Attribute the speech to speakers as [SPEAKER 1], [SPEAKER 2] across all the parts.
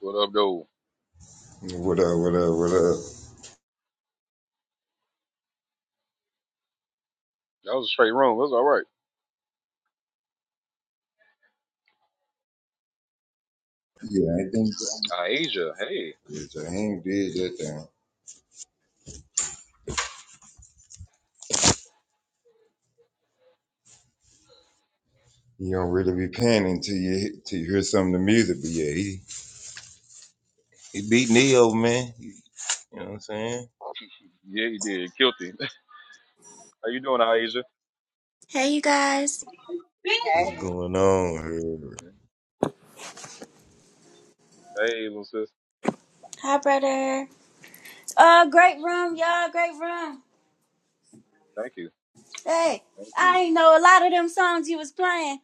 [SPEAKER 1] What up, though?
[SPEAKER 2] What up, what up, what up?
[SPEAKER 1] That was a straight room. That's all right.
[SPEAKER 2] Yeah, I think
[SPEAKER 1] Asia, hey.
[SPEAKER 2] Jaheim did that thing. You don't really be paying until you hit- till you hear some of the music, but yeah, he, he beat Neo, man. You know what I'm saying?
[SPEAKER 1] Yeah, you did. Guilty. How you doing, Asia?
[SPEAKER 3] Hey, you guys.
[SPEAKER 2] What's
[SPEAKER 4] Hey.
[SPEAKER 2] going on here?
[SPEAKER 1] Hey, little sis.
[SPEAKER 3] Hi, brother. Uh, great room, y'all. Great room.
[SPEAKER 1] Thank you.
[SPEAKER 3] Hey,
[SPEAKER 1] Thank
[SPEAKER 3] I
[SPEAKER 1] you.
[SPEAKER 3] ain't know a lot of them songs you was playing.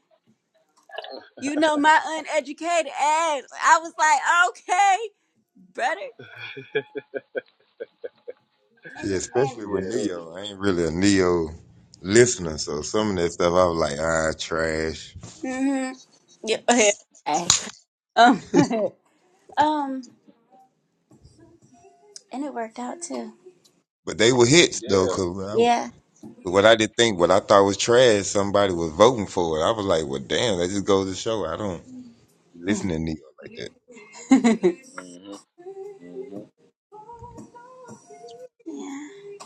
[SPEAKER 3] You know my uneducated ass. I was like, okay, brother. And
[SPEAKER 2] Yeah,
[SPEAKER 3] and
[SPEAKER 2] especially with
[SPEAKER 1] Yeah.
[SPEAKER 2] Neo. I ain't really a Neo listener, so some of that stuff I was like, ah, trash.
[SPEAKER 3] mm-hmm. Yeah. go ahead. Hey. Um. um. And it worked out too.
[SPEAKER 2] But they were hits though,
[SPEAKER 1] Yeah.
[SPEAKER 2] cause when I,
[SPEAKER 3] Yeah.
[SPEAKER 2] what I did think, what I thought was trash, somebody was voting for it. I was like, well, damn, that just goes to show I don't listen to Neo like that.
[SPEAKER 3] yeah.
[SPEAKER 1] hmm hmm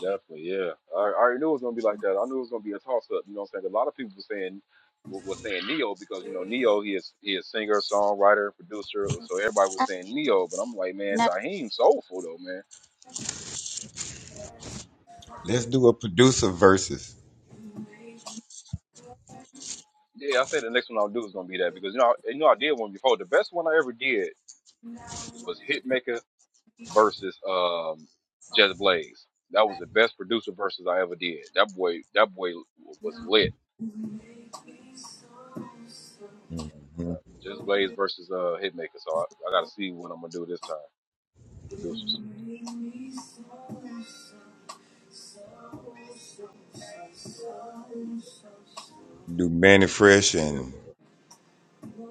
[SPEAKER 1] Definitely, yeah. I, I already knew it was going to be like that. I knew it was going to be a toss-up. You know what I'm saying? 'Cause A lot of people were saying, were were saying Neo because, you know, Neo, he is, he is singer, songwriter, producer. So everybody was
[SPEAKER 3] Uh,
[SPEAKER 1] saying Neo. But I'm like, man,
[SPEAKER 3] no.
[SPEAKER 1] Jaheim soulful, though, man.
[SPEAKER 2] Let's do a producer versus.
[SPEAKER 1] Yeah, I said the next one I'll do is gonna be that because you know, I- you know I did one before. The best one I ever did was Hitmaker versus um Jazz Blaze. That was the best producer versus I ever did. That boy, that boy was lit.
[SPEAKER 2] hmm
[SPEAKER 1] Uh,
[SPEAKER 2] Do
[SPEAKER 1] Jazz Blaze versus uh Hitmaker. So I, I got to see what I'm gonna do this time. Producers.
[SPEAKER 2] Manny Fresh
[SPEAKER 1] Yeah,
[SPEAKER 2] and,
[SPEAKER 1] but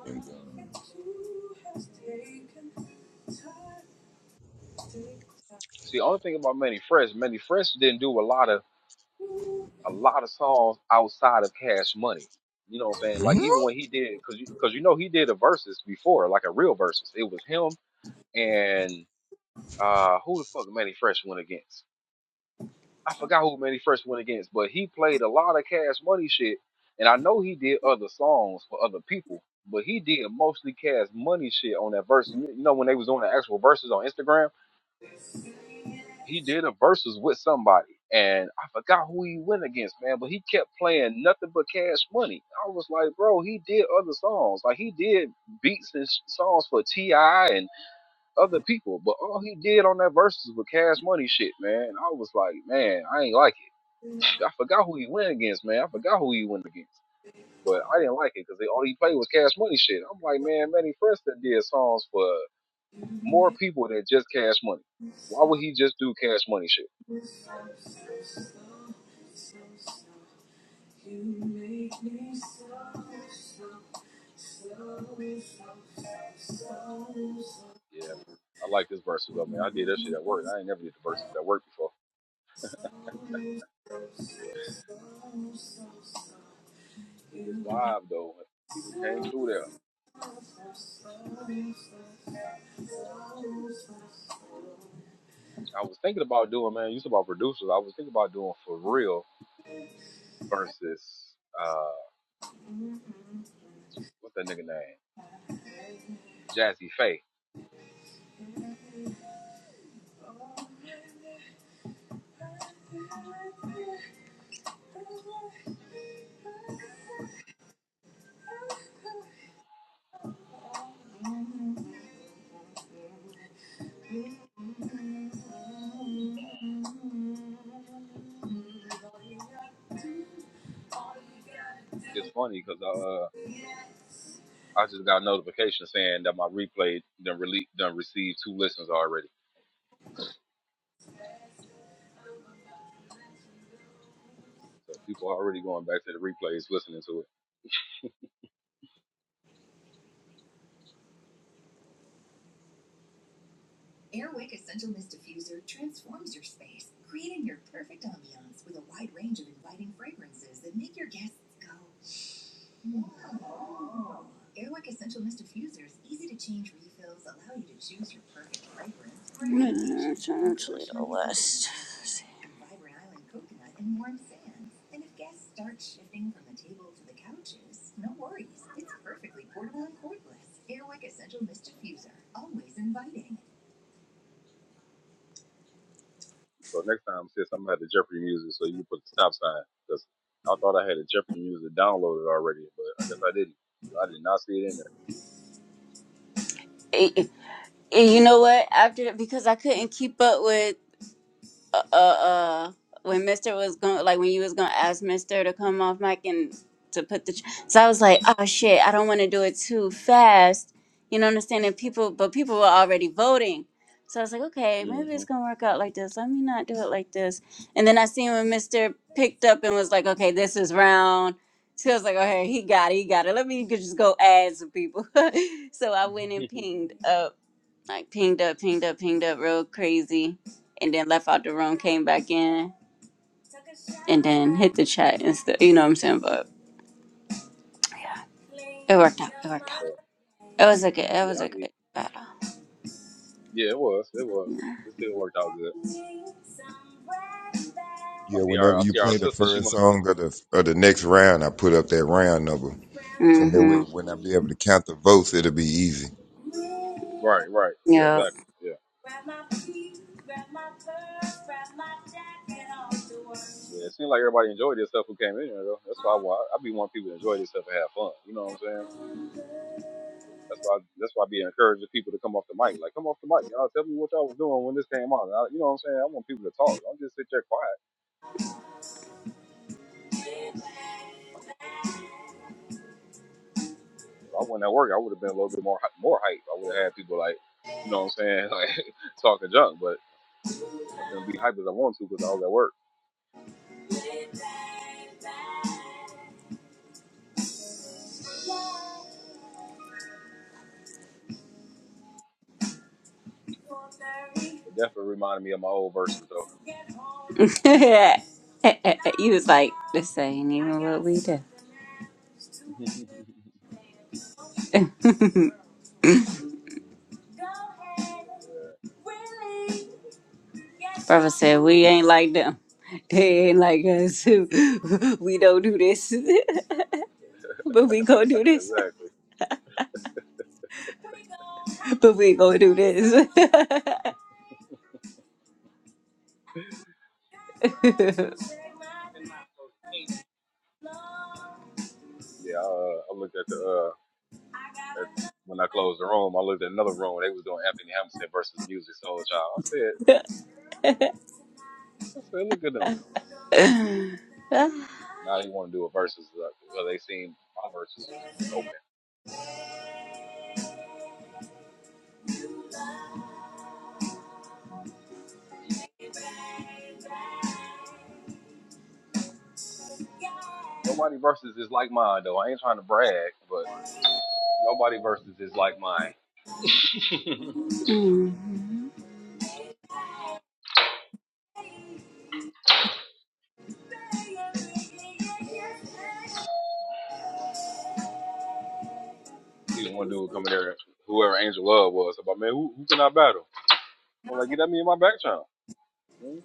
[SPEAKER 2] and um,
[SPEAKER 1] see, only thing about Manny Fresh, Manny Fresh didn't do a lot of a lot of songs outside of Cash Money. You know what I'm saying? Like even when he did, cause you, cause you know he did a versus before, like a real versus. It was him and uh who the fuck Manny Fresh went against? I forgot who man he first went against, but he played a lot of Cash Money shit, and I know he did other songs for other people, but he did mostly Cash Money shit on that verse. You know when they was doing the actual verses on Instagram, he did a verses with somebody, and I forgot who he went against, man. But he kept playing nothing but Cash Money. I was like, bro, he did other songs, like he did beats and sh- songs for Ti and other people, but all he did on that verses was Cash Money shit, man. And I was like, man, I ain't like it. I forgot who he went against, man. I forgot who he went against. But I didn't like it because all he played was Cash Money shit. I'm like, man, Manny Preston did songs for more people than just Cash Money. Why would he just do Cash Money shit?
[SPEAKER 3] You make me so, so, so, so, so, so. so.
[SPEAKER 1] Yeah, I like this verses though, man. I did that shit at work. I ain't never did the verses at work before. It was live though. People came through there. I was thinking about doing, man. You said about producers. I was thinking about doing for real versus uh, what's that nigga name? Jazzy Faye. It's funny because uh. I just got a notification saying that my replay done rele done received two listens already. So people are already going back to the replays listening to it.
[SPEAKER 3] Airwick Essential Mist Diffusers, easy to change refills, allow you to choose your perfect fragrance. Yeah, turn to the list.
[SPEAKER 1] So next time, sis, I'm gonna have the Jeopardy music so you can put the stop sign because I thought I had the Jeopardy music downloaded already, but I guess I didn't. I did not see it in
[SPEAKER 3] Eh, eh, You know what? After that, because I couldn't keep up with. uh, uh, uh, when Mister was going, like when you was gonna ask Mister to come off mic and to put the, tr- so I was like, oh shit, I don't want to do it too fast, you know, understanding people, but people were already voting, so I was like, okay,
[SPEAKER 1] there.
[SPEAKER 3] maybe it's
[SPEAKER 1] hmm
[SPEAKER 3] gonna work out like this. Let me not do it like this. And then I seen when Mister picked up and was like, okay, this is round. So I was like, okay, he got it, he got it. Let me just go add some people. so I went and pinged like pinged up, pinged up, pinged up real crazy, and then left out the room, came back in, and then hit the chat and stuff. You know what I'm saying? But yeah, it worked out. It worked
[SPEAKER 1] For
[SPEAKER 3] out.
[SPEAKER 1] sure.
[SPEAKER 3] It was a good. It
[SPEAKER 1] Yeah,
[SPEAKER 3] was
[SPEAKER 1] I
[SPEAKER 3] a good
[SPEAKER 1] did.
[SPEAKER 3] battle.
[SPEAKER 1] Yeah, it was. It was. It still worked out good. I
[SPEAKER 2] yeah.
[SPEAKER 1] see our
[SPEAKER 2] Whenever
[SPEAKER 1] I
[SPEAKER 2] you
[SPEAKER 1] see our
[SPEAKER 2] play the
[SPEAKER 1] sister. She
[SPEAKER 2] first
[SPEAKER 1] must be
[SPEAKER 2] song of the of the next round, I put up that round number. So that way,
[SPEAKER 3] Mm-hmm.
[SPEAKER 2] when I be able to count the votes, it'll be easy.
[SPEAKER 1] right. Right. Yeah.
[SPEAKER 3] Yep.
[SPEAKER 1] Exactly. Yeah. Yeah, it seemed like everybody enjoyed this stuff who came in here though. That's why I want. I be wanting people to enjoy this stuff and have fun. You know what I'm saying? That's why. that's why I be encouraging people to come off the mic. Like, come off the mic, y'all. Tell me what y'all was doing when this came out. I, you know what I'm saying? I want people to talk. Don't just sit there quiet. If I wasn't at work, I would have been a little bit more hy- more hype. I would have had people like, you know what I'm saying, like talking junk. But I couldn't be hype as I wanted to because I was at work. It definitely reminded me of my old verses though.
[SPEAKER 3] he was like, "This ain't even what we do."
[SPEAKER 1] yeah,
[SPEAKER 3] Brother said, "We ain't like them. They ain't like us. we don't do this, but we gonna do this.
[SPEAKER 1] exactly.
[SPEAKER 3] But we gonna do this."
[SPEAKER 1] Yeah, I, uh, I looked at the uh, that when I closed the room, I looked at another room. They was doing Anthony Hamilton versus Music Soul Child. I said, I said, look at them. Now they want to do a versus. uh, Well, they seen my versus was, was open. Nobody versus is like mine though. I ain't trying to brag, but nobody versus is like mine. See one dude coming there, whoever Angel Love was, about man, who, who can I battle? I'm like, get at me in my back channel. Mhm.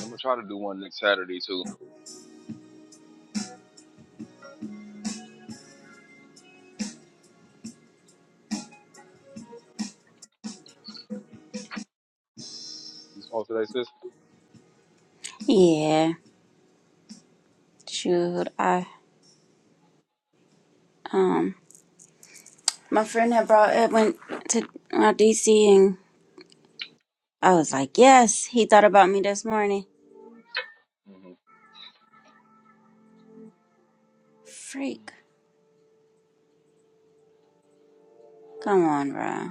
[SPEAKER 1] I'm gonna try to do one next Saturday too. You supposed to that sister?
[SPEAKER 3] yeah, shoot. I um, my friend had brought it went to my DC, and I was like, yes, he thought about me this morning.
[SPEAKER 1] hmm
[SPEAKER 3] Freak, come on, bro.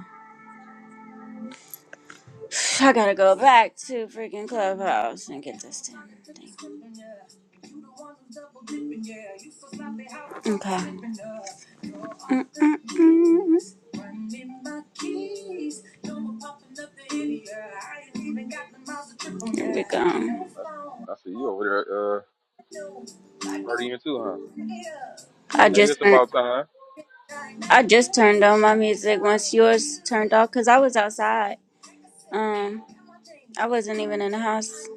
[SPEAKER 3] I gotta go back to freaking clubhouse and get this damn thing. Okay. Mm-mm-mm. Run in my keys. No more popping up the idiot. I ain't even got the miles to trip on Here we go.
[SPEAKER 1] I, I see you over there, uh, partying too, huh?
[SPEAKER 3] I
[SPEAKER 1] Hey,
[SPEAKER 3] just
[SPEAKER 1] it's
[SPEAKER 3] turned.
[SPEAKER 1] about time.
[SPEAKER 3] I just turned on my music once yours turned off because I was outside. Um, I wasn't even in the house.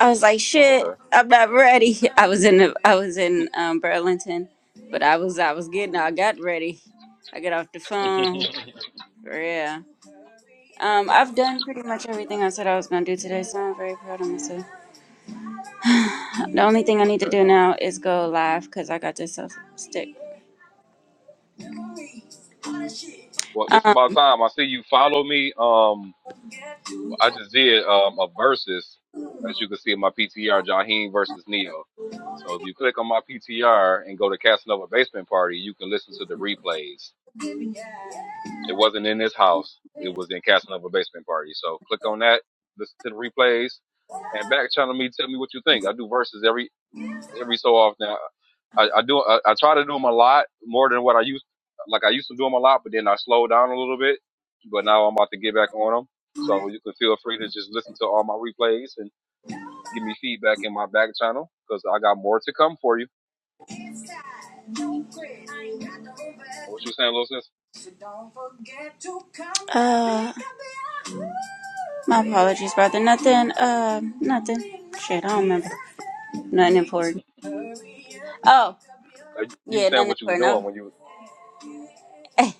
[SPEAKER 3] I was like,
[SPEAKER 1] Oh,
[SPEAKER 3] shit,
[SPEAKER 1] okay.
[SPEAKER 3] I'm not ready. I was in the, I was in um, Burlington, but I was I was getting I got ready. I got off the phone. Yeah. Um, I've done pretty much everything I said I was gonna do today, so I'm very proud of myself. The only thing I need
[SPEAKER 1] Okay.
[SPEAKER 3] to do now is go live because I got this uh, stick.
[SPEAKER 1] okay. Well, it's
[SPEAKER 3] Um,
[SPEAKER 1] about time. I see you follow me. Um, I just did um a versus, as you can see in my PTR, Jaheim versus Neo. So if you click on my PTR and go to Casanova Basement Party, you can listen to the replays. It wasn't in this house. It was in Casanova Basement Party. So click on that, listen to the replays, and back channel me. Tell me what you think. I do verses every every so often. I, I do I, I try to do them a lot more than what I used like I used to do them a lot, but then I slowed down a little bit. But now I'm about to get back on them, so you can feel free to just listen to all my replays and give me feedback in my back channel because I got more to come for you. What you saying, little sis?
[SPEAKER 3] uh, my apologies, brother. Nothing. Uh, nothing. Shit, I don't remember. Nothing important. Oh,
[SPEAKER 1] Uh, You were
[SPEAKER 3] yeah,
[SPEAKER 1] saying
[SPEAKER 3] nothing
[SPEAKER 1] what you was
[SPEAKER 3] important.
[SPEAKER 1] doing
[SPEAKER 3] No.
[SPEAKER 1] when you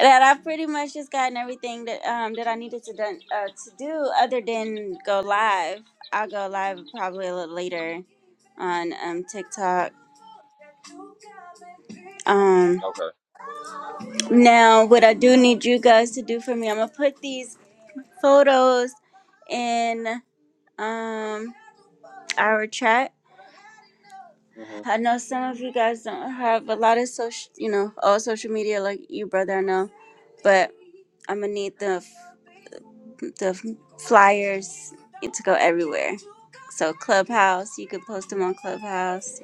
[SPEAKER 3] that I've pretty much just gotten everything that um that I needed to done uh, to do other than go live. I'll go live probably a little later on um TikTok. Um,
[SPEAKER 1] okay?
[SPEAKER 3] now what I do need you guys to do for me, I'm gonna put these. photos in um our chat.
[SPEAKER 1] mm hmm
[SPEAKER 3] I know some of you guys don't have a lot of social, you know, all social media like you, brother. I know, but I'm gonna need the the flyers to go everywhere. So Clubhouse, you could post them on Clubhouse.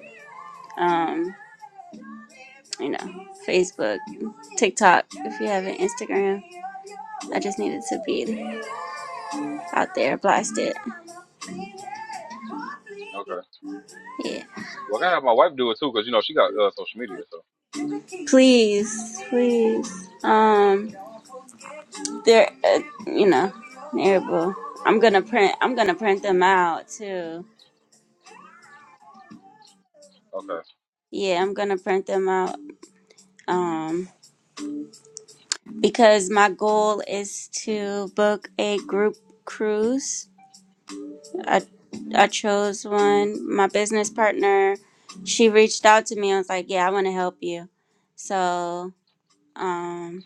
[SPEAKER 3] Um, you know, Facebook, TikTok. If you have an Instagram, I just need it to be out there, blasted.
[SPEAKER 1] Okay.
[SPEAKER 3] Yeah,
[SPEAKER 1] Well, I gotta have my wife do it too because you know she got uh, social media. So
[SPEAKER 3] please, please. Um. they're uh, you know terrible i'm gonna print i'm gonna print them out too
[SPEAKER 1] okay.
[SPEAKER 3] yeah i'm gonna print them out um because my goal is to book a group cruise
[SPEAKER 1] mm
[SPEAKER 3] i
[SPEAKER 1] hmm
[SPEAKER 3] i chose one my business partner she reached out to me and was like yeah i want to help you so um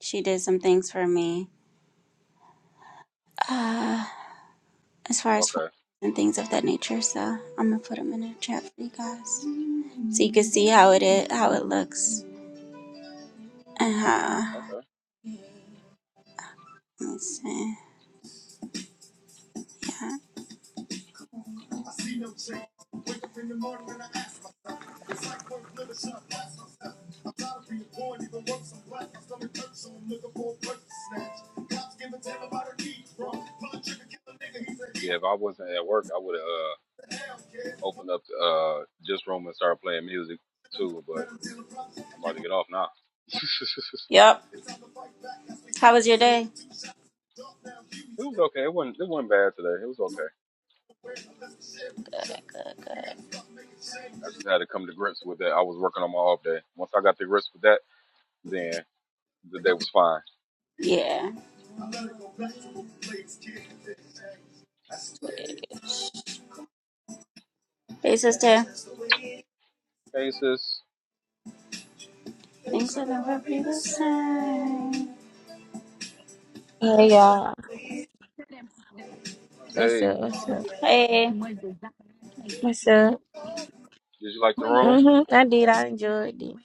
[SPEAKER 3] she did some things for me uh as far as flights
[SPEAKER 1] Okay.
[SPEAKER 3] and things of that nature so i'm gonna put them in the chat for you guys so you can see how it is, how it looks. Uh huh.
[SPEAKER 1] Okay.
[SPEAKER 3] Let's see. Yeah.
[SPEAKER 1] Yeah, if I wasn't at work, I would have. uh open up uh just room and start playing music too, but I'm about to get off now.
[SPEAKER 3] Yep. How was your day?
[SPEAKER 1] it was okay. It wasn't it wasn't bad today. It was okay. I just had to come to grips with that. I was working on my off day. Once I got to grips with that, then the day was fine.
[SPEAKER 3] Yeah. Hey, sister.
[SPEAKER 1] Hey sis,
[SPEAKER 3] Thanks for the represent.
[SPEAKER 5] Hey y'all, what's
[SPEAKER 1] hey,
[SPEAKER 5] up? What's up?
[SPEAKER 3] Hey.
[SPEAKER 5] What's up?
[SPEAKER 1] did you like the room?
[SPEAKER 5] Mhm. I did. I enjoyed it.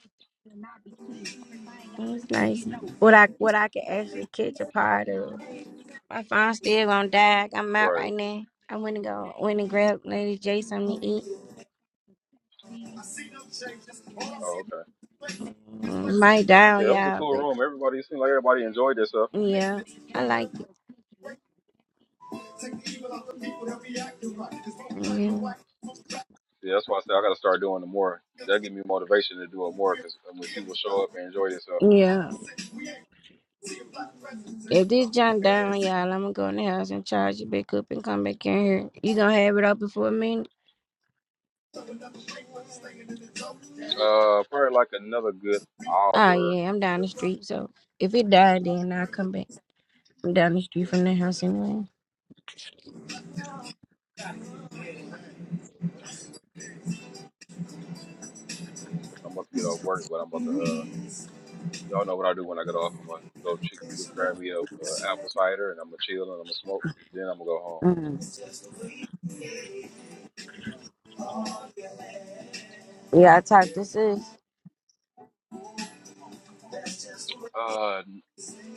[SPEAKER 5] It was nice. What I what I could actually catch a part of. My phone still gonna die. Like, I'm out
[SPEAKER 1] Right.
[SPEAKER 5] right now. I went and go went and grabbed Lady J something to eat.
[SPEAKER 1] Oh, okay.
[SPEAKER 5] Mm, Might die on
[SPEAKER 1] Yeah, it was a
[SPEAKER 5] y'all,
[SPEAKER 1] cool
[SPEAKER 5] but
[SPEAKER 1] room. Everybody it seemed like everybody enjoyed itself.
[SPEAKER 5] yeah, I liked it. Mm,
[SPEAKER 1] Yeah, that's why I said I got to start doing the more. That give me motivation to do it more because when people show up and enjoy themselves,
[SPEAKER 5] Yeah. Yeah. If this John down, on y'all, I'm gonna go in the house and charge it back up and come back in here. You gonna have it up before midnight?
[SPEAKER 1] uh, probably like another good
[SPEAKER 5] Oh
[SPEAKER 1] hour
[SPEAKER 5] yeah, I'm down the street. So if it died, then I'll come back. I'm down the street from the house anyway.
[SPEAKER 1] Yeah, Cause I'm about to get off work, but I'm about to. Uh, y'all know what I do when I get off. I'm gonna go ch- get, grab me a uh, apple cider, and I'm gonna chill, and I'm gonna smoke. Then I'm gonna go home.
[SPEAKER 5] Mm. Yeah, I talked this is.
[SPEAKER 1] Uh,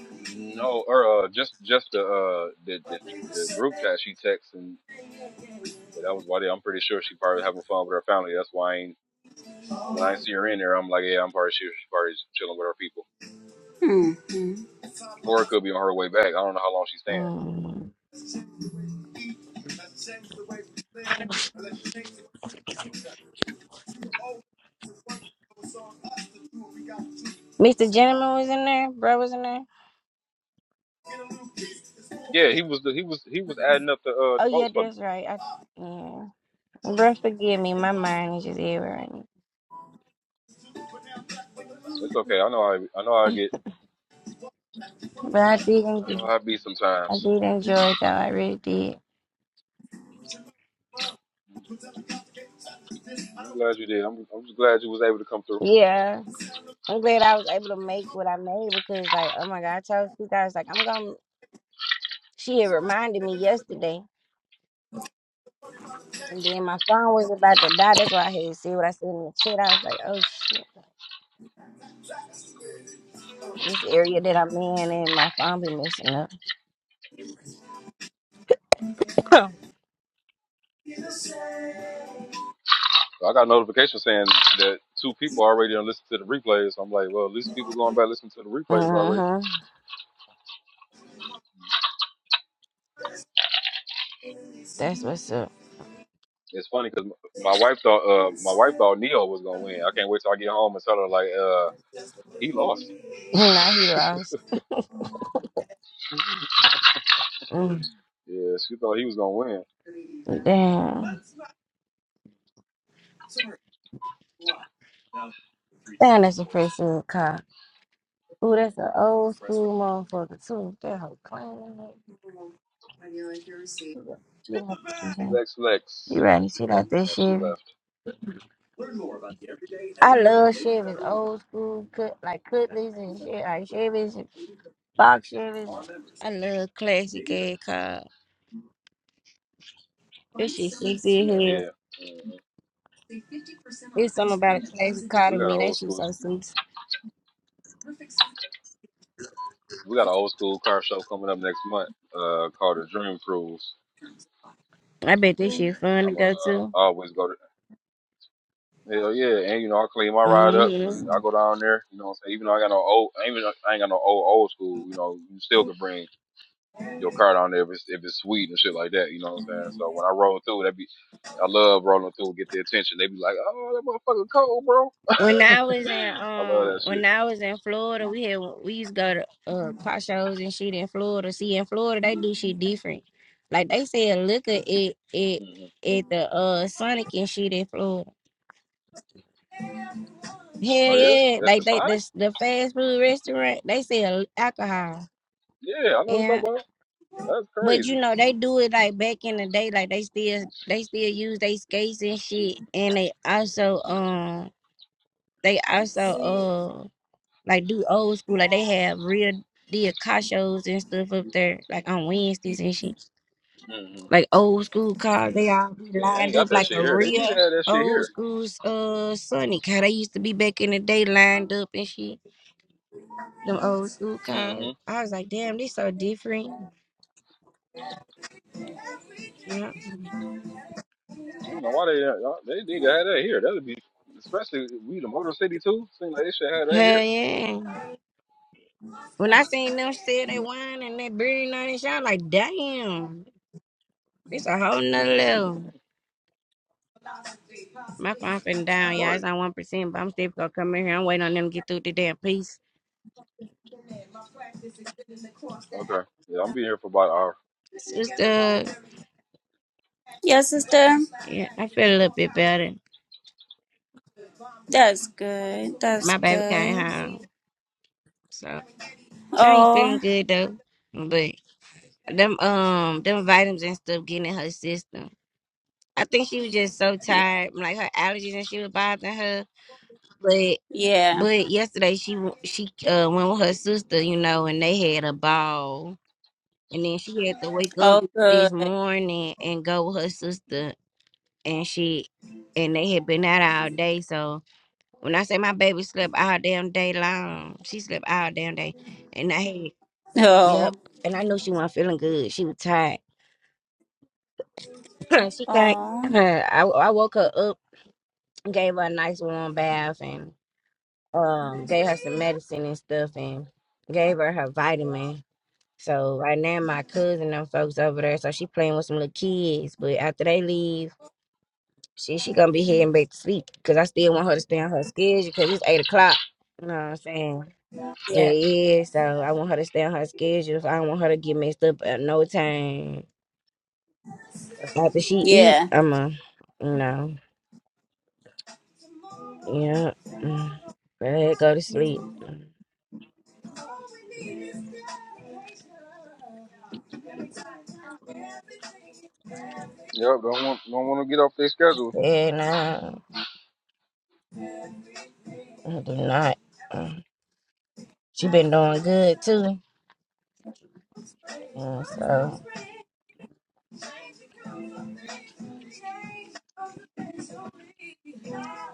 [SPEAKER 1] n- no, or uh, just just the uh the the, the group chat she texts, and but that was why they, I'm pretty sure she probably having fun with her family. That's why I ain't when I ain't see her in there, I'm like, yeah, I'm probably sure she probably just chilling with her people,
[SPEAKER 3] Mm-hmm.
[SPEAKER 1] or it could be on her way back. I don't know how long she's staying.
[SPEAKER 5] Um, Mr. Gentleman was in there. Bro was in there.
[SPEAKER 1] Yeah, he was the, he was he was adding up the uh
[SPEAKER 5] Oh
[SPEAKER 1] the
[SPEAKER 5] yeah,
[SPEAKER 1] votes for me.
[SPEAKER 5] that's right. I yeah. Bro, forgive me. My mind is just
[SPEAKER 1] hmm
[SPEAKER 5] everywhere right now.
[SPEAKER 1] It's okay. I know I I know I get.
[SPEAKER 5] But I did,
[SPEAKER 1] I know
[SPEAKER 5] en-
[SPEAKER 1] how it be
[SPEAKER 5] I
[SPEAKER 1] sometimes.
[SPEAKER 5] did enjoy it though. I really did.
[SPEAKER 1] I'm glad you did. I'm, I'm just glad you was able to come through.
[SPEAKER 5] Yeah, I'm glad I was able to make what I made because, like, oh my God, I told you guys, like, I'm gonna. She had reminded me yesterday. And then my phone was about to die. That's why I had to see what I said in the chat. I was like, oh shit, this
[SPEAKER 1] Mhm.
[SPEAKER 5] area that I'm in and my phone be messing up.
[SPEAKER 1] I got a notification saying that two people already done listened to the replays. So I'm like, well, at least people going back listening to the replays already.
[SPEAKER 5] Mm-hmm. That's what's up.
[SPEAKER 1] It's funny because my wife thought, uh, my wife thought Neo was gonna win. I can't wait till I get home and tell her like, uh, he lost.
[SPEAKER 5] Now he lost. Mm.
[SPEAKER 1] yeah, she thought he was gonna win.
[SPEAKER 5] Damn. Damn, that's a fresh little car. Ooh, that's an old school motherfucker too. That whole clean. Shit out this shit.
[SPEAKER 1] Lex, Lex.
[SPEAKER 5] You ready? Shit out that
[SPEAKER 1] Oh, she
[SPEAKER 5] Chevy.
[SPEAKER 1] left.
[SPEAKER 5] I love Chevys, old school, cut like Cutlets and shit, like Chevys, and Fox Chevys. I love classic ass cars. This shit sexy as hell.
[SPEAKER 1] Yeah. hmm
[SPEAKER 5] It's something about a classic car
[SPEAKER 1] We
[SPEAKER 5] to
[SPEAKER 1] got
[SPEAKER 5] me.
[SPEAKER 1] an
[SPEAKER 5] That
[SPEAKER 1] old
[SPEAKER 5] shit
[SPEAKER 1] school.
[SPEAKER 5] so sexy.
[SPEAKER 1] We got an old school car show coming up next month. Uh, called the Dream Cruise.
[SPEAKER 5] I bet this shit fun to
[SPEAKER 1] I'm gonna
[SPEAKER 5] go
[SPEAKER 1] uh,
[SPEAKER 5] to.
[SPEAKER 1] always go to hell yeah, and you know I clean my ride up and
[SPEAKER 5] hmm
[SPEAKER 1] I go down there. You know, what I'm saying even though I got no old, even though I ain't got no old old school. You know, you still can bring your car down there if it's if it's sweet and shit like that. You know what I'm saying? So when I roll through, that be I love rolling through, get the attention. They be like, oh that motherfucker cold, bro.
[SPEAKER 5] When I was in
[SPEAKER 1] I love
[SPEAKER 5] um,
[SPEAKER 1] that shit.
[SPEAKER 5] when I was in Florida, we had we used to go to uh car shows and shit in Florida. See, in Florida, they do shit different. Like they said, look at it, it
[SPEAKER 1] hmm
[SPEAKER 5] at the uh Sonic and shit in Florida. Hell
[SPEAKER 1] Oh yeah,
[SPEAKER 5] yeah,
[SPEAKER 1] that's the
[SPEAKER 5] like they
[SPEAKER 1] Sonic.
[SPEAKER 5] the the fast food restaurant. They sell alcohol.
[SPEAKER 1] Yeah, I know what you
[SPEAKER 5] Yeah.
[SPEAKER 1] talking about. That's
[SPEAKER 5] But you
[SPEAKER 1] crazy.
[SPEAKER 5] know, they do it like back in the day, like they still they still use they skates and shit. And they also um they also uh like do old school, like they have real deal car shows and stuff up there, like on Wednesdays and shit.
[SPEAKER 1] hmm
[SPEAKER 5] Like old school cars, they all be
[SPEAKER 1] Yeah, they
[SPEAKER 5] lined
[SPEAKER 1] ain't got
[SPEAKER 5] up
[SPEAKER 1] that
[SPEAKER 5] like
[SPEAKER 1] shit
[SPEAKER 5] a
[SPEAKER 1] here. They need to
[SPEAKER 5] real
[SPEAKER 1] have that shit
[SPEAKER 5] old
[SPEAKER 1] here.
[SPEAKER 5] school uh Sonic car they used to be back in the day lined up and shit. Them old school
[SPEAKER 1] Mm-hmm.
[SPEAKER 5] cars. I was like, damn, they so different. Yeah.
[SPEAKER 1] I don't know why they uh, they need to have that here. That would be especially we the Motor City too. Seems like they should have that
[SPEAKER 5] Hell
[SPEAKER 1] here.
[SPEAKER 5] yeah. When I seen them sell that wine and that beer and all that shit, I was like, damn, it's a whole nother level. My phone finna down, y'all. It's
[SPEAKER 1] right.
[SPEAKER 5] on one percent, but I'm still gonna come in here. I'm waiting on them to get through the damn piece.
[SPEAKER 1] Okay. Yeah, I'm be here for about an hour.
[SPEAKER 5] Sister,
[SPEAKER 3] Yeah, sister.
[SPEAKER 5] yeah, I feel a little bit better.
[SPEAKER 3] That's good. That's
[SPEAKER 5] My baby came
[SPEAKER 3] good.
[SPEAKER 5] home, so she ain't feeling
[SPEAKER 3] Oh.
[SPEAKER 5] good though. But them um them vitamins and stuff getting in her system. I think she was just so
[SPEAKER 3] Yeah.
[SPEAKER 5] tired, like her allergies and she was bothering her.
[SPEAKER 3] Yeah.
[SPEAKER 5] But yesterday she w- she uh went with her sister, you know, and they had a ball. And then she had to wake up
[SPEAKER 3] Oh, good.
[SPEAKER 5] this morning and go with her sister and she and they had been out all day. So when I say my baby slept all damn day long, she slept all damn day. And I had yep.
[SPEAKER 3] Oh.
[SPEAKER 5] And I knew she wasn't feeling good. She was tired. she can't.
[SPEAKER 3] Oh.
[SPEAKER 5] I I woke her up, gave her a nice warm bath, and um gave her some medicine and stuff, and gave her her vitamin So right now my cousin and them folks over there, so she playing with some little kids. But after they leave, she she gonna be heading back to sleep because I still want her to stay on her schedule because it's eight o'clock. You know what I'm saying? Yeah,
[SPEAKER 3] Yeah.
[SPEAKER 5] yeah. So I want her to stay on her schedule. If I don't want her to get messed up at no time after she eat,
[SPEAKER 3] Yeah.
[SPEAKER 5] I'ma, you know, yeah, mm, let her go to sleep.
[SPEAKER 1] Yep. Don't want don't want to get off their schedule.
[SPEAKER 5] Yeah, no, I do not. Mm. She been doing good too. Mm, So.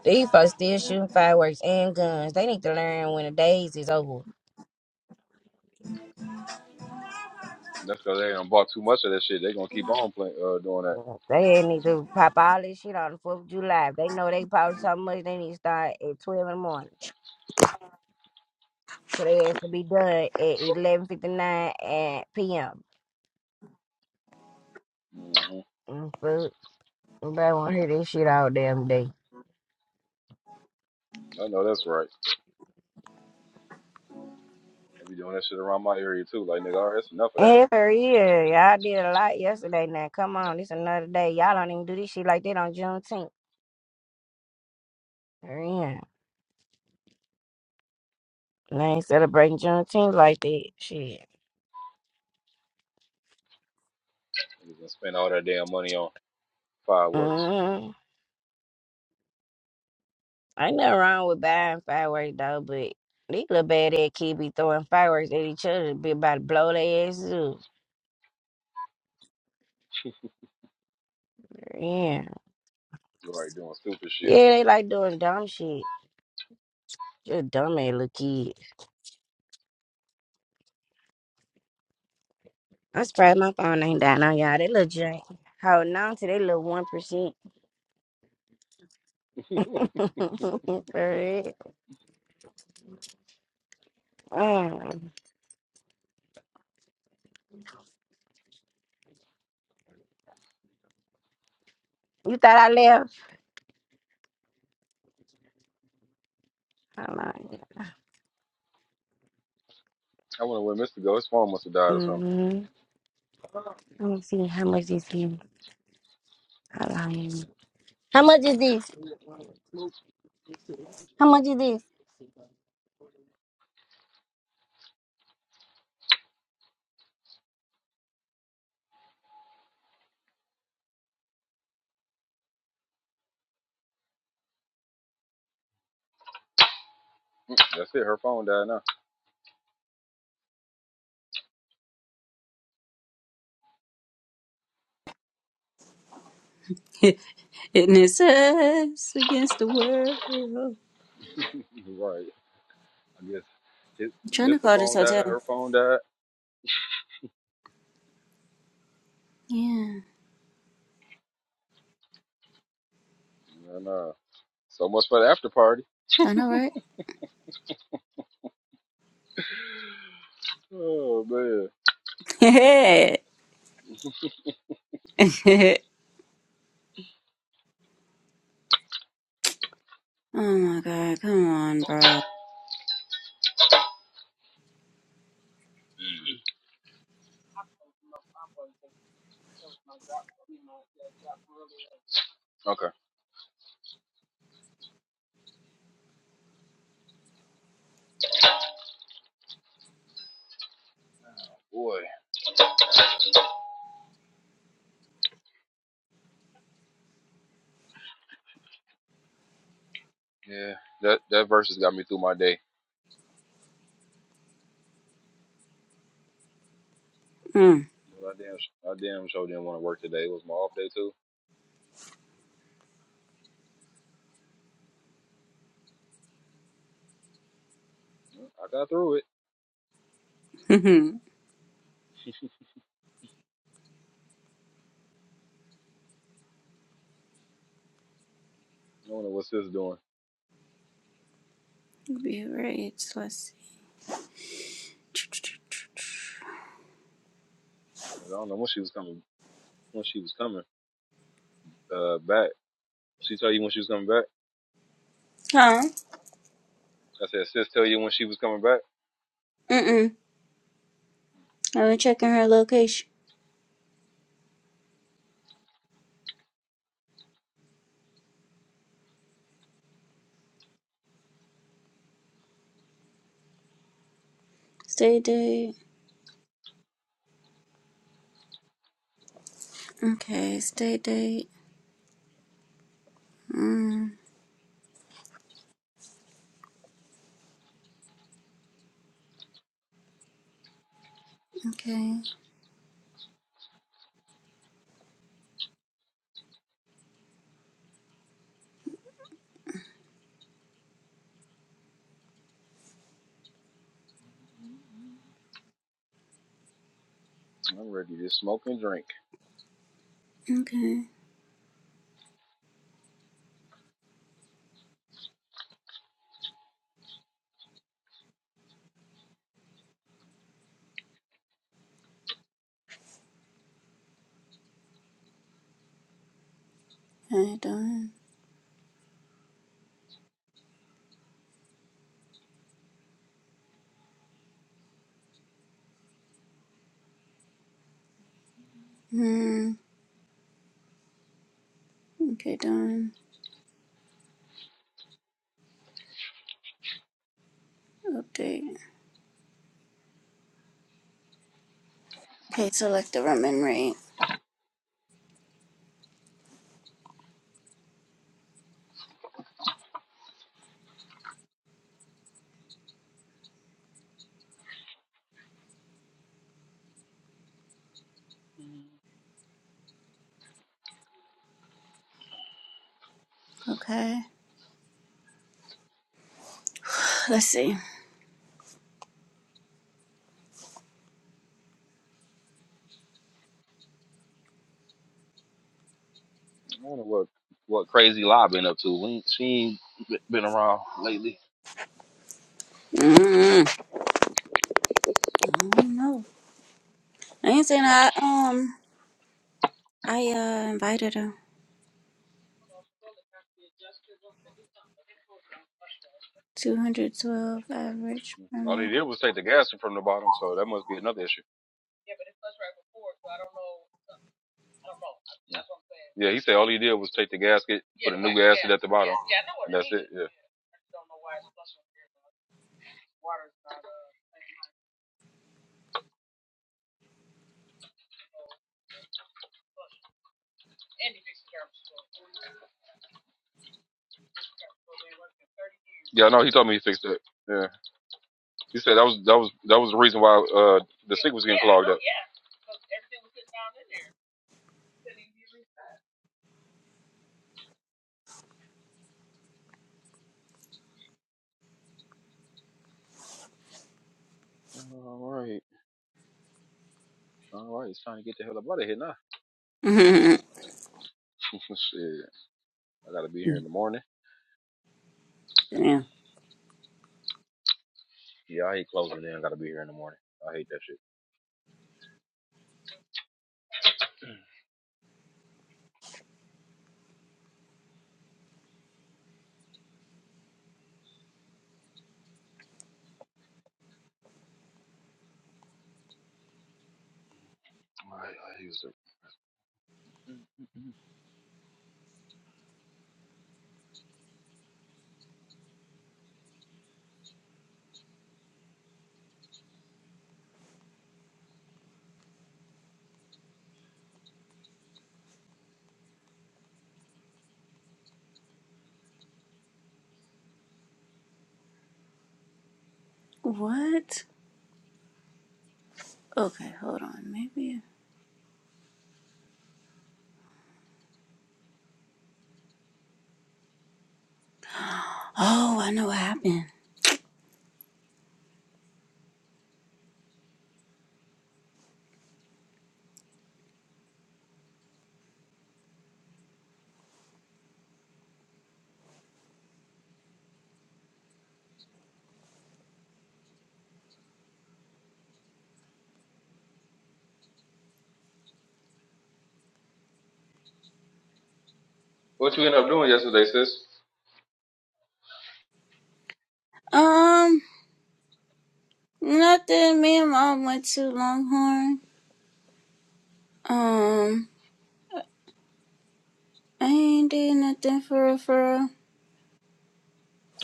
[SPEAKER 5] These folks still shooting fireworks and guns. They need to learn when the days is over.
[SPEAKER 1] That's because they done bought too much of that shit. They gonna keep on playing uh, doing that.
[SPEAKER 5] They need to pop all this shit on the 4th of July. If they know they popped so much, they need to start at 12 in the morning. So they has to be done at 11.59 at p.m.
[SPEAKER 1] hmm
[SPEAKER 5] Mm, But nobody want to hear this shit all damn day.
[SPEAKER 1] I know that's right. They be doing that shit around my area too. Like nigga, all right, that's enough of that.
[SPEAKER 5] And for real, y'all did a lot yesterday now. Come on, this another day. Y'all don't even do this shit like that on Juneteenth. For real. They ain't celebrating Juneteenth like that. Shit.
[SPEAKER 1] Niggas gonna spend all that damn money on fireworks.
[SPEAKER 5] Mm-hmm. Ain't nothing wrong with buying fireworks though, but these little bad ass kids be throwing fireworks at each other, be about to blow their asses up. Yeah.
[SPEAKER 1] Right, doing stupid shit.
[SPEAKER 5] Yeah, they like doing dumb shit. Just dumb ass little kids. I'm surprised my phone ain't dying on y'all. They little jank. Holding on to they little one percent.
[SPEAKER 1] I
[SPEAKER 5] For real. Mm. You thought I left? Hold on.
[SPEAKER 1] wonder where Mister go. His phone must have died or something.
[SPEAKER 5] Mm-hmm. Let me see how much this is. Hold on. How much is this? How much is this?
[SPEAKER 1] That's it. Her phone died now.
[SPEAKER 3] In his eyes against the world. I'm
[SPEAKER 1] Right. I guess his,
[SPEAKER 3] trying to
[SPEAKER 1] Mr.
[SPEAKER 3] call this
[SPEAKER 1] Phone died,
[SPEAKER 3] hotel.
[SPEAKER 1] her phone died,
[SPEAKER 3] Yeah.
[SPEAKER 1] and uh, so much for the after party.
[SPEAKER 3] I know, right?
[SPEAKER 1] Oh man.
[SPEAKER 3] oh my god, come on, bro.
[SPEAKER 1] Mm. Okay. Boy. Yeah. That that verse has got me through my day.
[SPEAKER 3] Mm.
[SPEAKER 1] But I damn, I damn sure didn't want to work today. It was my off day too. I got through it. I don't know what sis doing.
[SPEAKER 3] Be rates, let's see.
[SPEAKER 1] I don't know when she was coming. When she was coming uh back. She tell you when she was coming back.
[SPEAKER 3] Huh?
[SPEAKER 1] I said, sis, tell you when she was coming back.
[SPEAKER 3] Mm-mm. I was checking her location. Stay date. Okay, stay date. Mm, okay,
[SPEAKER 1] I'm ready to smoke and drink.
[SPEAKER 3] okay. Alright, done. Mm, okay, done. Update. Okay, select the Roman rate.
[SPEAKER 1] Mm-hmm.
[SPEAKER 3] Okay. Let's see.
[SPEAKER 1] I wonder what what crazy lie been up to. We ain't- she ain't b- been around lately.
[SPEAKER 3] Mm, I don't know. I ain't saying I, um, I, uh, invited her. 212 average per
[SPEAKER 1] All he did was take the gasket from the bottom, so that must be another issue. Yeah. Yeah, he said all he did was take the gasket, put a new gasket at the bottom. and that's it. Yeah. Yeah, I know. He told me he fixed it. Yeah. He said that was that was that was the reason why uh the sink was getting clogged up. All right. All right. It's time to get the hell up out of here now.
[SPEAKER 3] night.
[SPEAKER 1] shit. I gotta be here in the morning.
[SPEAKER 3] yeah.
[SPEAKER 1] Yeah, I hate closing in. I gotta be here in the morning. I hate that shit. All right. I use the Mm, mm, mm.
[SPEAKER 3] What? Okay, hold on. Maybe. Oh, I know what happened.
[SPEAKER 1] What you end up doing yesterday, sis?
[SPEAKER 3] Um, nothing. Me and mom went to Longhorn. Um, I ain't did nothing for real, for real.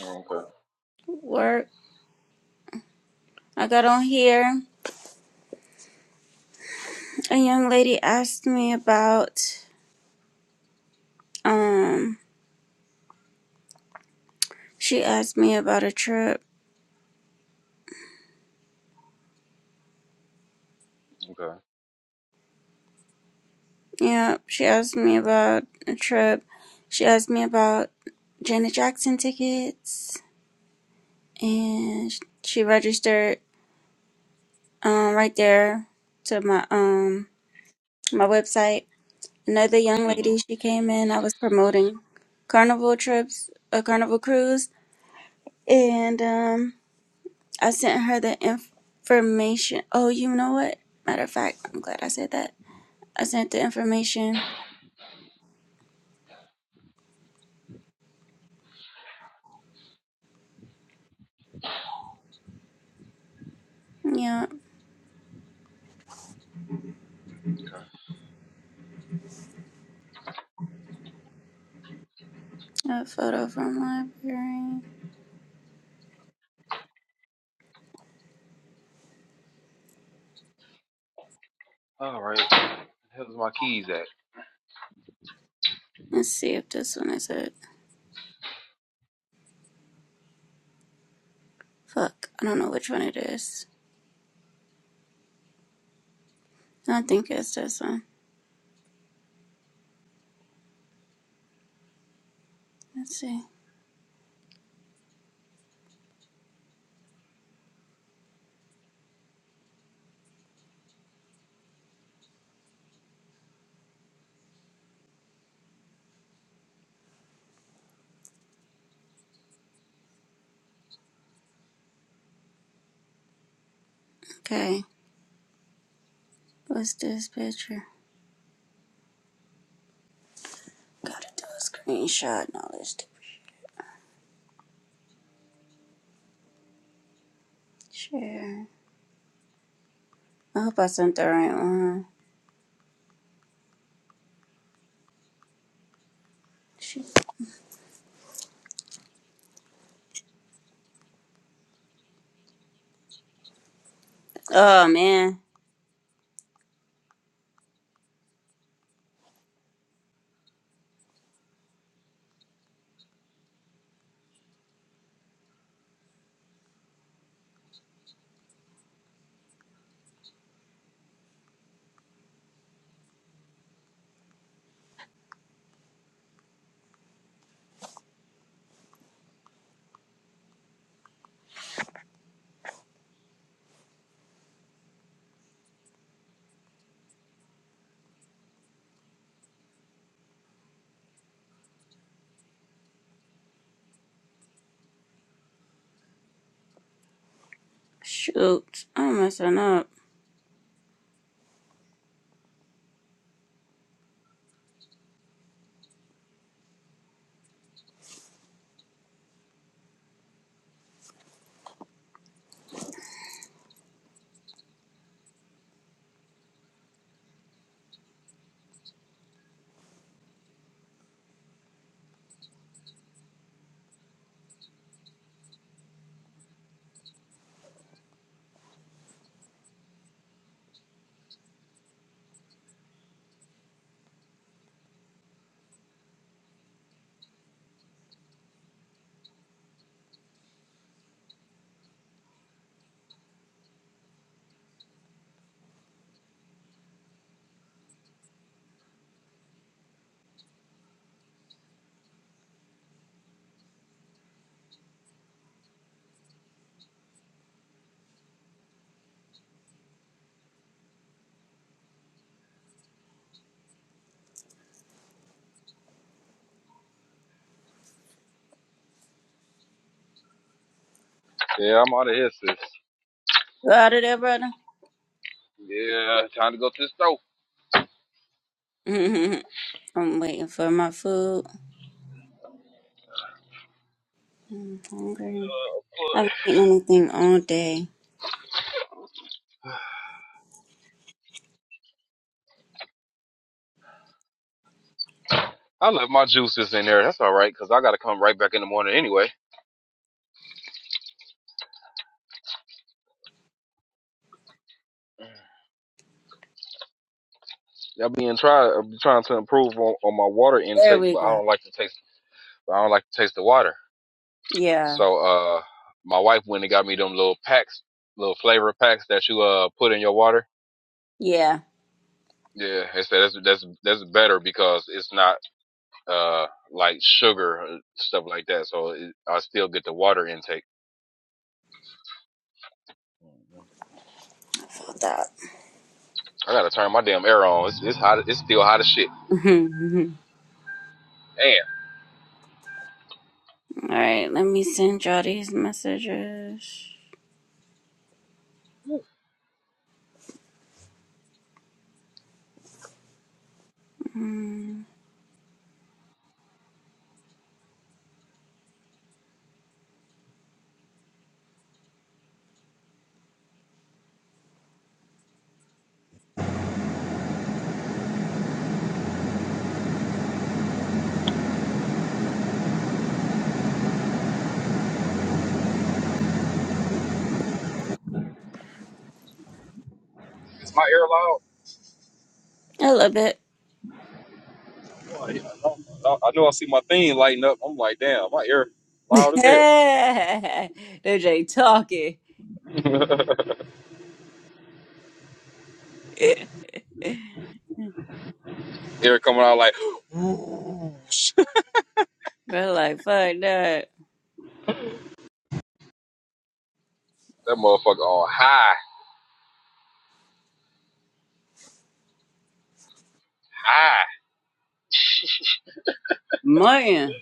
[SPEAKER 1] Oh, okay.
[SPEAKER 3] work. I got on here. A young lady asked me about. Um, she asked me about a trip
[SPEAKER 1] Okay.
[SPEAKER 3] Yeah, she asked me about a trip. She asked me about Janet Jackson tickets, and sh- she registered um, right there to my um my website. Another young
[SPEAKER 1] hmm
[SPEAKER 3] lady, she came in. I was promoting carnival trips, a carnival cruise, and um, I sent her the information. Oh, you know what? Matter of fact, I'm glad I said that. I sent the information. Yeah,
[SPEAKER 1] Okay.
[SPEAKER 3] a photo from library.
[SPEAKER 1] All right. Where's my keys at?
[SPEAKER 3] Let's see if this one is it. Fuck, I don't know which one it is. I don't think it's this one. Let's see. Okay, what's this picture? Gotta do a screenshot and all this stupid shit. I hope I sent the right one. Shoot. Oh man, shoot, I'm messing up.
[SPEAKER 1] Yeah, I'm out of here, sis.
[SPEAKER 3] You out of there, brother?
[SPEAKER 1] Yeah, time to go to the store.
[SPEAKER 3] I'm waiting for my food. I'm hungry.
[SPEAKER 1] Uh,
[SPEAKER 3] I
[SPEAKER 1] boy.
[SPEAKER 3] haven't eaten anything all day.
[SPEAKER 1] I left my juices in there. That's all right, cause I gotta come right back in the morning anyway. I've been trying, I've trying to improve on, on my water
[SPEAKER 3] There
[SPEAKER 1] intake,
[SPEAKER 3] we
[SPEAKER 1] but I
[SPEAKER 3] go.
[SPEAKER 1] don't like to taste, but I don't like to taste the water.
[SPEAKER 3] Yeah,
[SPEAKER 1] So, uh, my wife went and got me them little packs, little flavor packs that you uh put in your water.
[SPEAKER 3] yeah.
[SPEAKER 1] Yeah, they said that's that's that's better because it's not. uh, like sugar uh, stuff like that. So it, I still get the water intake.
[SPEAKER 3] Felt that.
[SPEAKER 1] I gotta turn my damn air on. It's, it's hot. It's still hot as shit. Damn,
[SPEAKER 3] All right, let me send y'all these messages. Mm,
[SPEAKER 1] is my air loud?
[SPEAKER 3] I love it.
[SPEAKER 1] Oh, yeah. I know I know I see my thing lighting up. I'm like, damn, my air loud as hell.
[SPEAKER 3] They ain't talking.
[SPEAKER 1] air coming out like
[SPEAKER 3] But like, fuck that.
[SPEAKER 1] that motherfucker on high, high.
[SPEAKER 3] Man,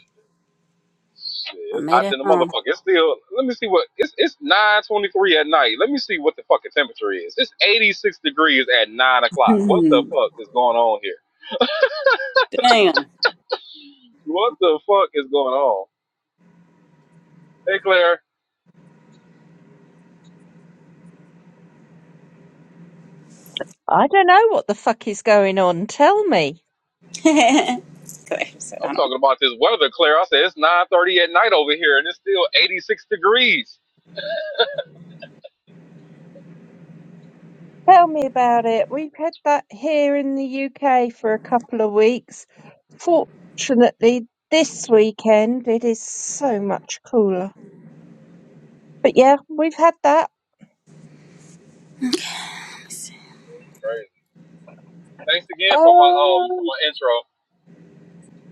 [SPEAKER 1] Shit,
[SPEAKER 3] I
[SPEAKER 1] it's
[SPEAKER 3] made
[SPEAKER 1] hot
[SPEAKER 3] it
[SPEAKER 1] than the
[SPEAKER 3] home.
[SPEAKER 1] motherfucker. It's still. Let me see what. It's it's nine twenty three at night. Let me see what the fucking temperature is. It's eighty six degrees at nine o'clock. What the
[SPEAKER 3] Damn.
[SPEAKER 1] fuck is going on here? What the fuck is going on? Hey, Claire.
[SPEAKER 6] I don't know what the fuck is going on. Tell me.
[SPEAKER 3] Claire said,
[SPEAKER 1] I'm
[SPEAKER 3] I don't
[SPEAKER 1] talking about this weather, Claire. I said it's 9:30 at night over here, and it's still 86 degrees.
[SPEAKER 6] Tell me about it. We've had that here in the UK for a couple of weeks. Fortunately, this weekend it is so much cooler. But yeah, we've had that.
[SPEAKER 1] Crazy. Thanks again for my um for
[SPEAKER 6] Oh,
[SPEAKER 1] my intro.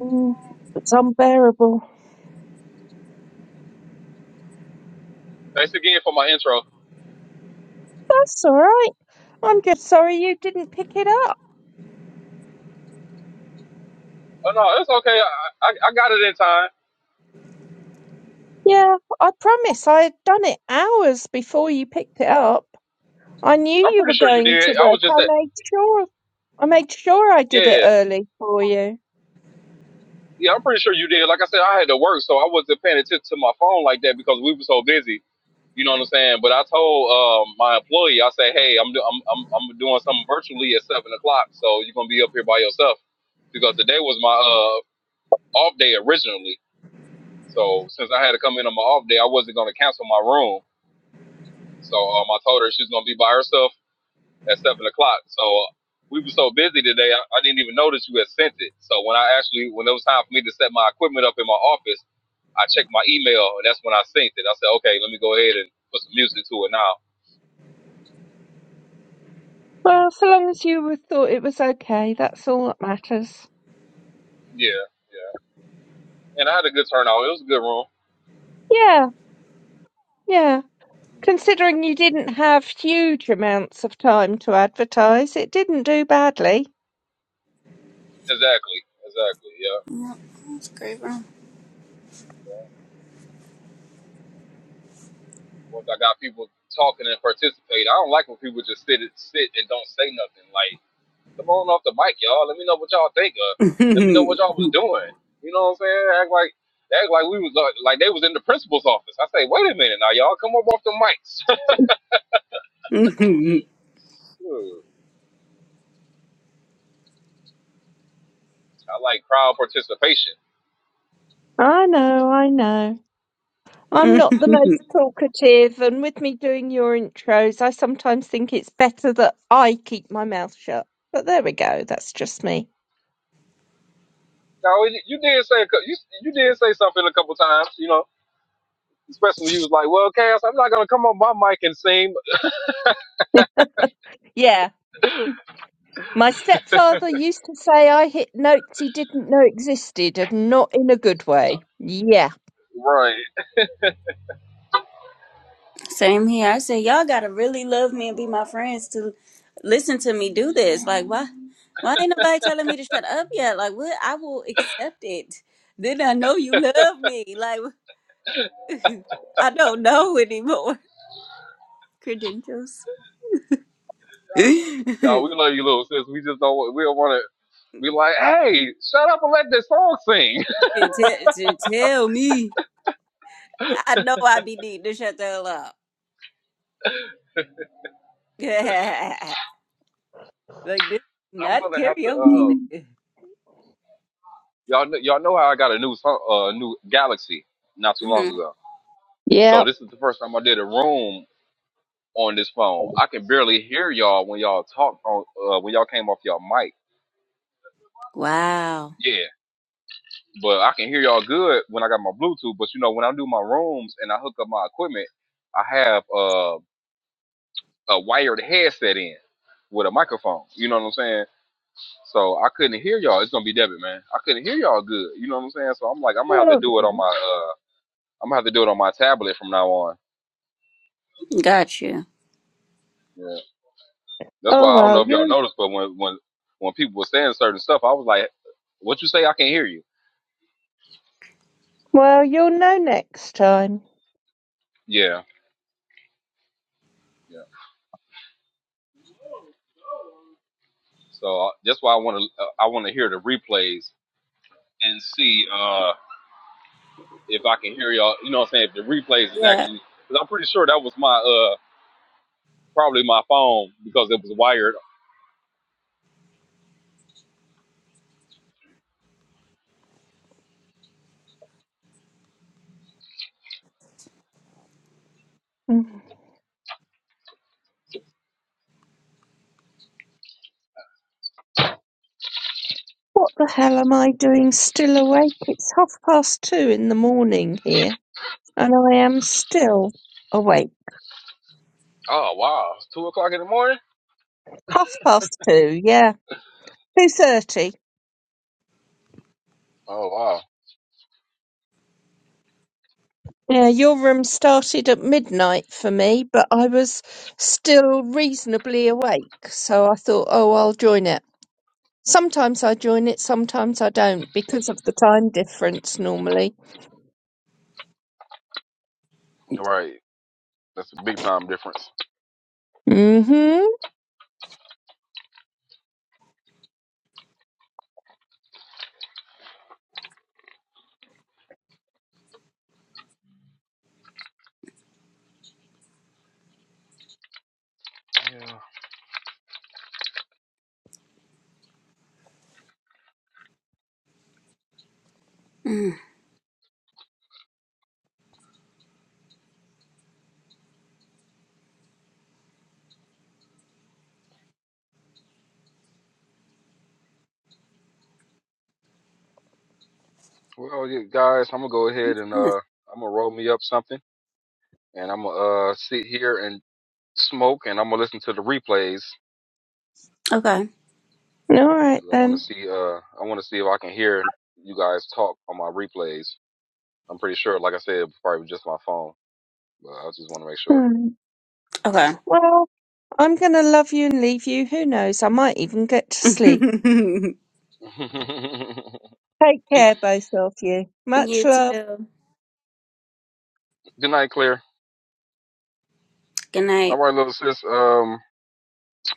[SPEAKER 6] mm, it's unbearable.
[SPEAKER 1] Thanks again for my intro.
[SPEAKER 6] That's all right. I'm just sorry you didn't pick it up.
[SPEAKER 1] Oh no, it's okay. I, I I got it in time.
[SPEAKER 6] Yeah, I promise I had done it hours before you picked it up. I knew
[SPEAKER 1] I'm
[SPEAKER 6] you were
[SPEAKER 1] pretty sure you
[SPEAKER 6] going to
[SPEAKER 1] did. I
[SPEAKER 6] work.
[SPEAKER 1] was
[SPEAKER 6] I
[SPEAKER 1] just at
[SPEAKER 6] made sure. I made sure I did it
[SPEAKER 1] yeah
[SPEAKER 6] early for you.
[SPEAKER 1] yeah. I'm pretty sure you did. Like I said, I had to work, so I wasn't paying attention to my phone like that because we were so busy. You know what I'm saying? But I told um, my employee, I say, hey, I'm, do- I'm I'm I'm doing something virtually at seven o'clock, so you're gonna be up here by yourself. because today was my uh off day originally. So since I had to come in on my off day, I wasn't gonna cancel my room. So um, I told her she was gonna be by herself at seven o'clock. So uh, we were so busy today, I, I didn't even notice you had sent it. So when I actually when it was time for me to set my equipment up in my office, I checked my email and that's when I synced it. I said, okay, let me go ahead and put some music to it now.
[SPEAKER 6] Well, so long as you were- thought it was okay, that's all that matters.
[SPEAKER 1] Yeah, yeah. And I had a good turnout. It was a good room.
[SPEAKER 6] Yeah, yeah.
[SPEAKER 1] Mm-hmm.
[SPEAKER 6] Considering you didn't have huge amounts of time to advertise, it didn't do badly.
[SPEAKER 1] Exactly, exactly. Yeah.
[SPEAKER 3] know. Yep, that's great bro.
[SPEAKER 1] Once I got people talking and participating, I don't like when people just sit sit and don't say nothing. Like, come on off the mic, y'all. Let me know what y'all think of. Let me know what y'all was doing. You know what I'm saying? Act like act like we was uh, like they was in the principal's office. I say, wait a minute now, y'all. Come up off the mics. Shoot. I like crowd participation.
[SPEAKER 6] I know, I know. I'm not the most
[SPEAKER 1] now
[SPEAKER 6] talkative, and with me doing your intros, I sometimes think it's better that I keep my mouth shut. But there we go, that's just me.
[SPEAKER 1] you you did say a cou- you you did say something a couple times, you know, especially when you was like, "Well, Cass, I'm not gonna come on my mic and sing."
[SPEAKER 6] Yeah. My stepfather used to say I hit notes he didn't know existed, and not in a good way. Yeah.
[SPEAKER 1] Right?
[SPEAKER 3] Same here. I said, y'all gotta really love me and be my friends to listen to me do this. Like, why, why ain't nobody telling me to shut up yet? Like, what? I will accept it. Then I know you love me. Like, I don't know anymore. Credentials.
[SPEAKER 1] No,
[SPEAKER 3] to,
[SPEAKER 1] we love you, little sis. We just don't. wa- We don't want to. be like, "Hey, shut up and let this song sing."
[SPEAKER 3] te- to tell me, I know I be needing to shut the hell up. like this,
[SPEAKER 1] I'm
[SPEAKER 3] not
[SPEAKER 1] gonna have to.
[SPEAKER 3] karaoke,
[SPEAKER 1] Uh,
[SPEAKER 6] Mm.
[SPEAKER 3] nigga.
[SPEAKER 1] y'all, kn- y'all know how I got a new song, uh, new Galaxy not too long
[SPEAKER 3] Mhm.
[SPEAKER 1] ago. So
[SPEAKER 6] Yeah.
[SPEAKER 1] this is the first time I did a room on this phone. I can barely hear y'all when y'all talk on uh, when y'all came off y'all mic.
[SPEAKER 3] Wow.
[SPEAKER 1] Yeah, but I can hear y'all good when I got my Bluetooth. But you know, when I do my rooms and I hook up my equipment, I have uh, a wired headset in with a microphone. You know what I'm saying? So I couldn't hear y'all. It's gonna be Devin, man. I couldn't hear y'all good. You know what I'm saying? So I'm like, I'm gonna have to
[SPEAKER 6] Oh,
[SPEAKER 1] do it on my uh, I'm gonna have to do it on my tablet from now on.
[SPEAKER 3] Got you.
[SPEAKER 1] Yeah, that's
[SPEAKER 6] oh
[SPEAKER 1] why I don't
[SPEAKER 6] well,
[SPEAKER 1] know if y'all
[SPEAKER 6] you
[SPEAKER 1] noticed, but when when when people were saying certain stuff, I was like, "What you say? I can't hear you."
[SPEAKER 6] well you'll know next time.
[SPEAKER 1] Yeah, yeah. So uh, that's why I want to uh, I want to hear the replays and see uh if I can hear y'all. You know what I'm saying? If the replays is
[SPEAKER 3] Yeah.
[SPEAKER 1] actually, because I'm pretty sure that was my uh probably my phone because it was wired.
[SPEAKER 6] Mm. What the hell am I doing still awake? It's half past two in the morning here, and I am still awake.
[SPEAKER 1] Oh wow, it's two o'clock in the morning.
[SPEAKER 6] Half past two, yeah. Two thirty.
[SPEAKER 1] Oh wow,
[SPEAKER 6] Yeah, your room started at midnight for me, but I was still reasonably awake, so I thought, oh, I'll join it. Sometimes I join it, sometimes I don't, because of the time difference normally.
[SPEAKER 1] right. That's a big time difference.
[SPEAKER 6] Mm-hmm.
[SPEAKER 1] Yeah.
[SPEAKER 3] Mm.
[SPEAKER 1] Well, yeah, guys, I'm gonna go ahead
[SPEAKER 3] What's
[SPEAKER 1] and
[SPEAKER 3] this?
[SPEAKER 1] uh, I'm gonna roll me up something, and I'm gonna uh, sit here and smoke, and I'm gonna listen to the replays
[SPEAKER 3] Okay.
[SPEAKER 6] All right
[SPEAKER 1] because I want
[SPEAKER 6] then.
[SPEAKER 1] to see uh, I want to see if I can hear you guys talk on my replays. I'm pretty sure, like I said, it probably was just my phone, but I just want to make sure.
[SPEAKER 6] Hmm.
[SPEAKER 3] Okay.
[SPEAKER 6] Well, I'm gonna love you and leave you. Who knows? I might even get to sleep.
[SPEAKER 3] you
[SPEAKER 6] Take care, both of you. Much love.
[SPEAKER 3] too.
[SPEAKER 1] good night, Claire.
[SPEAKER 3] Good
[SPEAKER 1] All
[SPEAKER 3] night.
[SPEAKER 1] right, little sis. Um,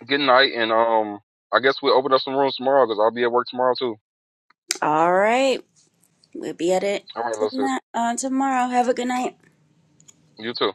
[SPEAKER 1] good night, and um, I guess we'll open up some rooms tomorrow because I'll be at work tomorrow too.
[SPEAKER 3] All right. We'll be at it
[SPEAKER 1] All right, little sis.
[SPEAKER 3] tonight, uh, tomorrow. Have a good night.
[SPEAKER 1] You too.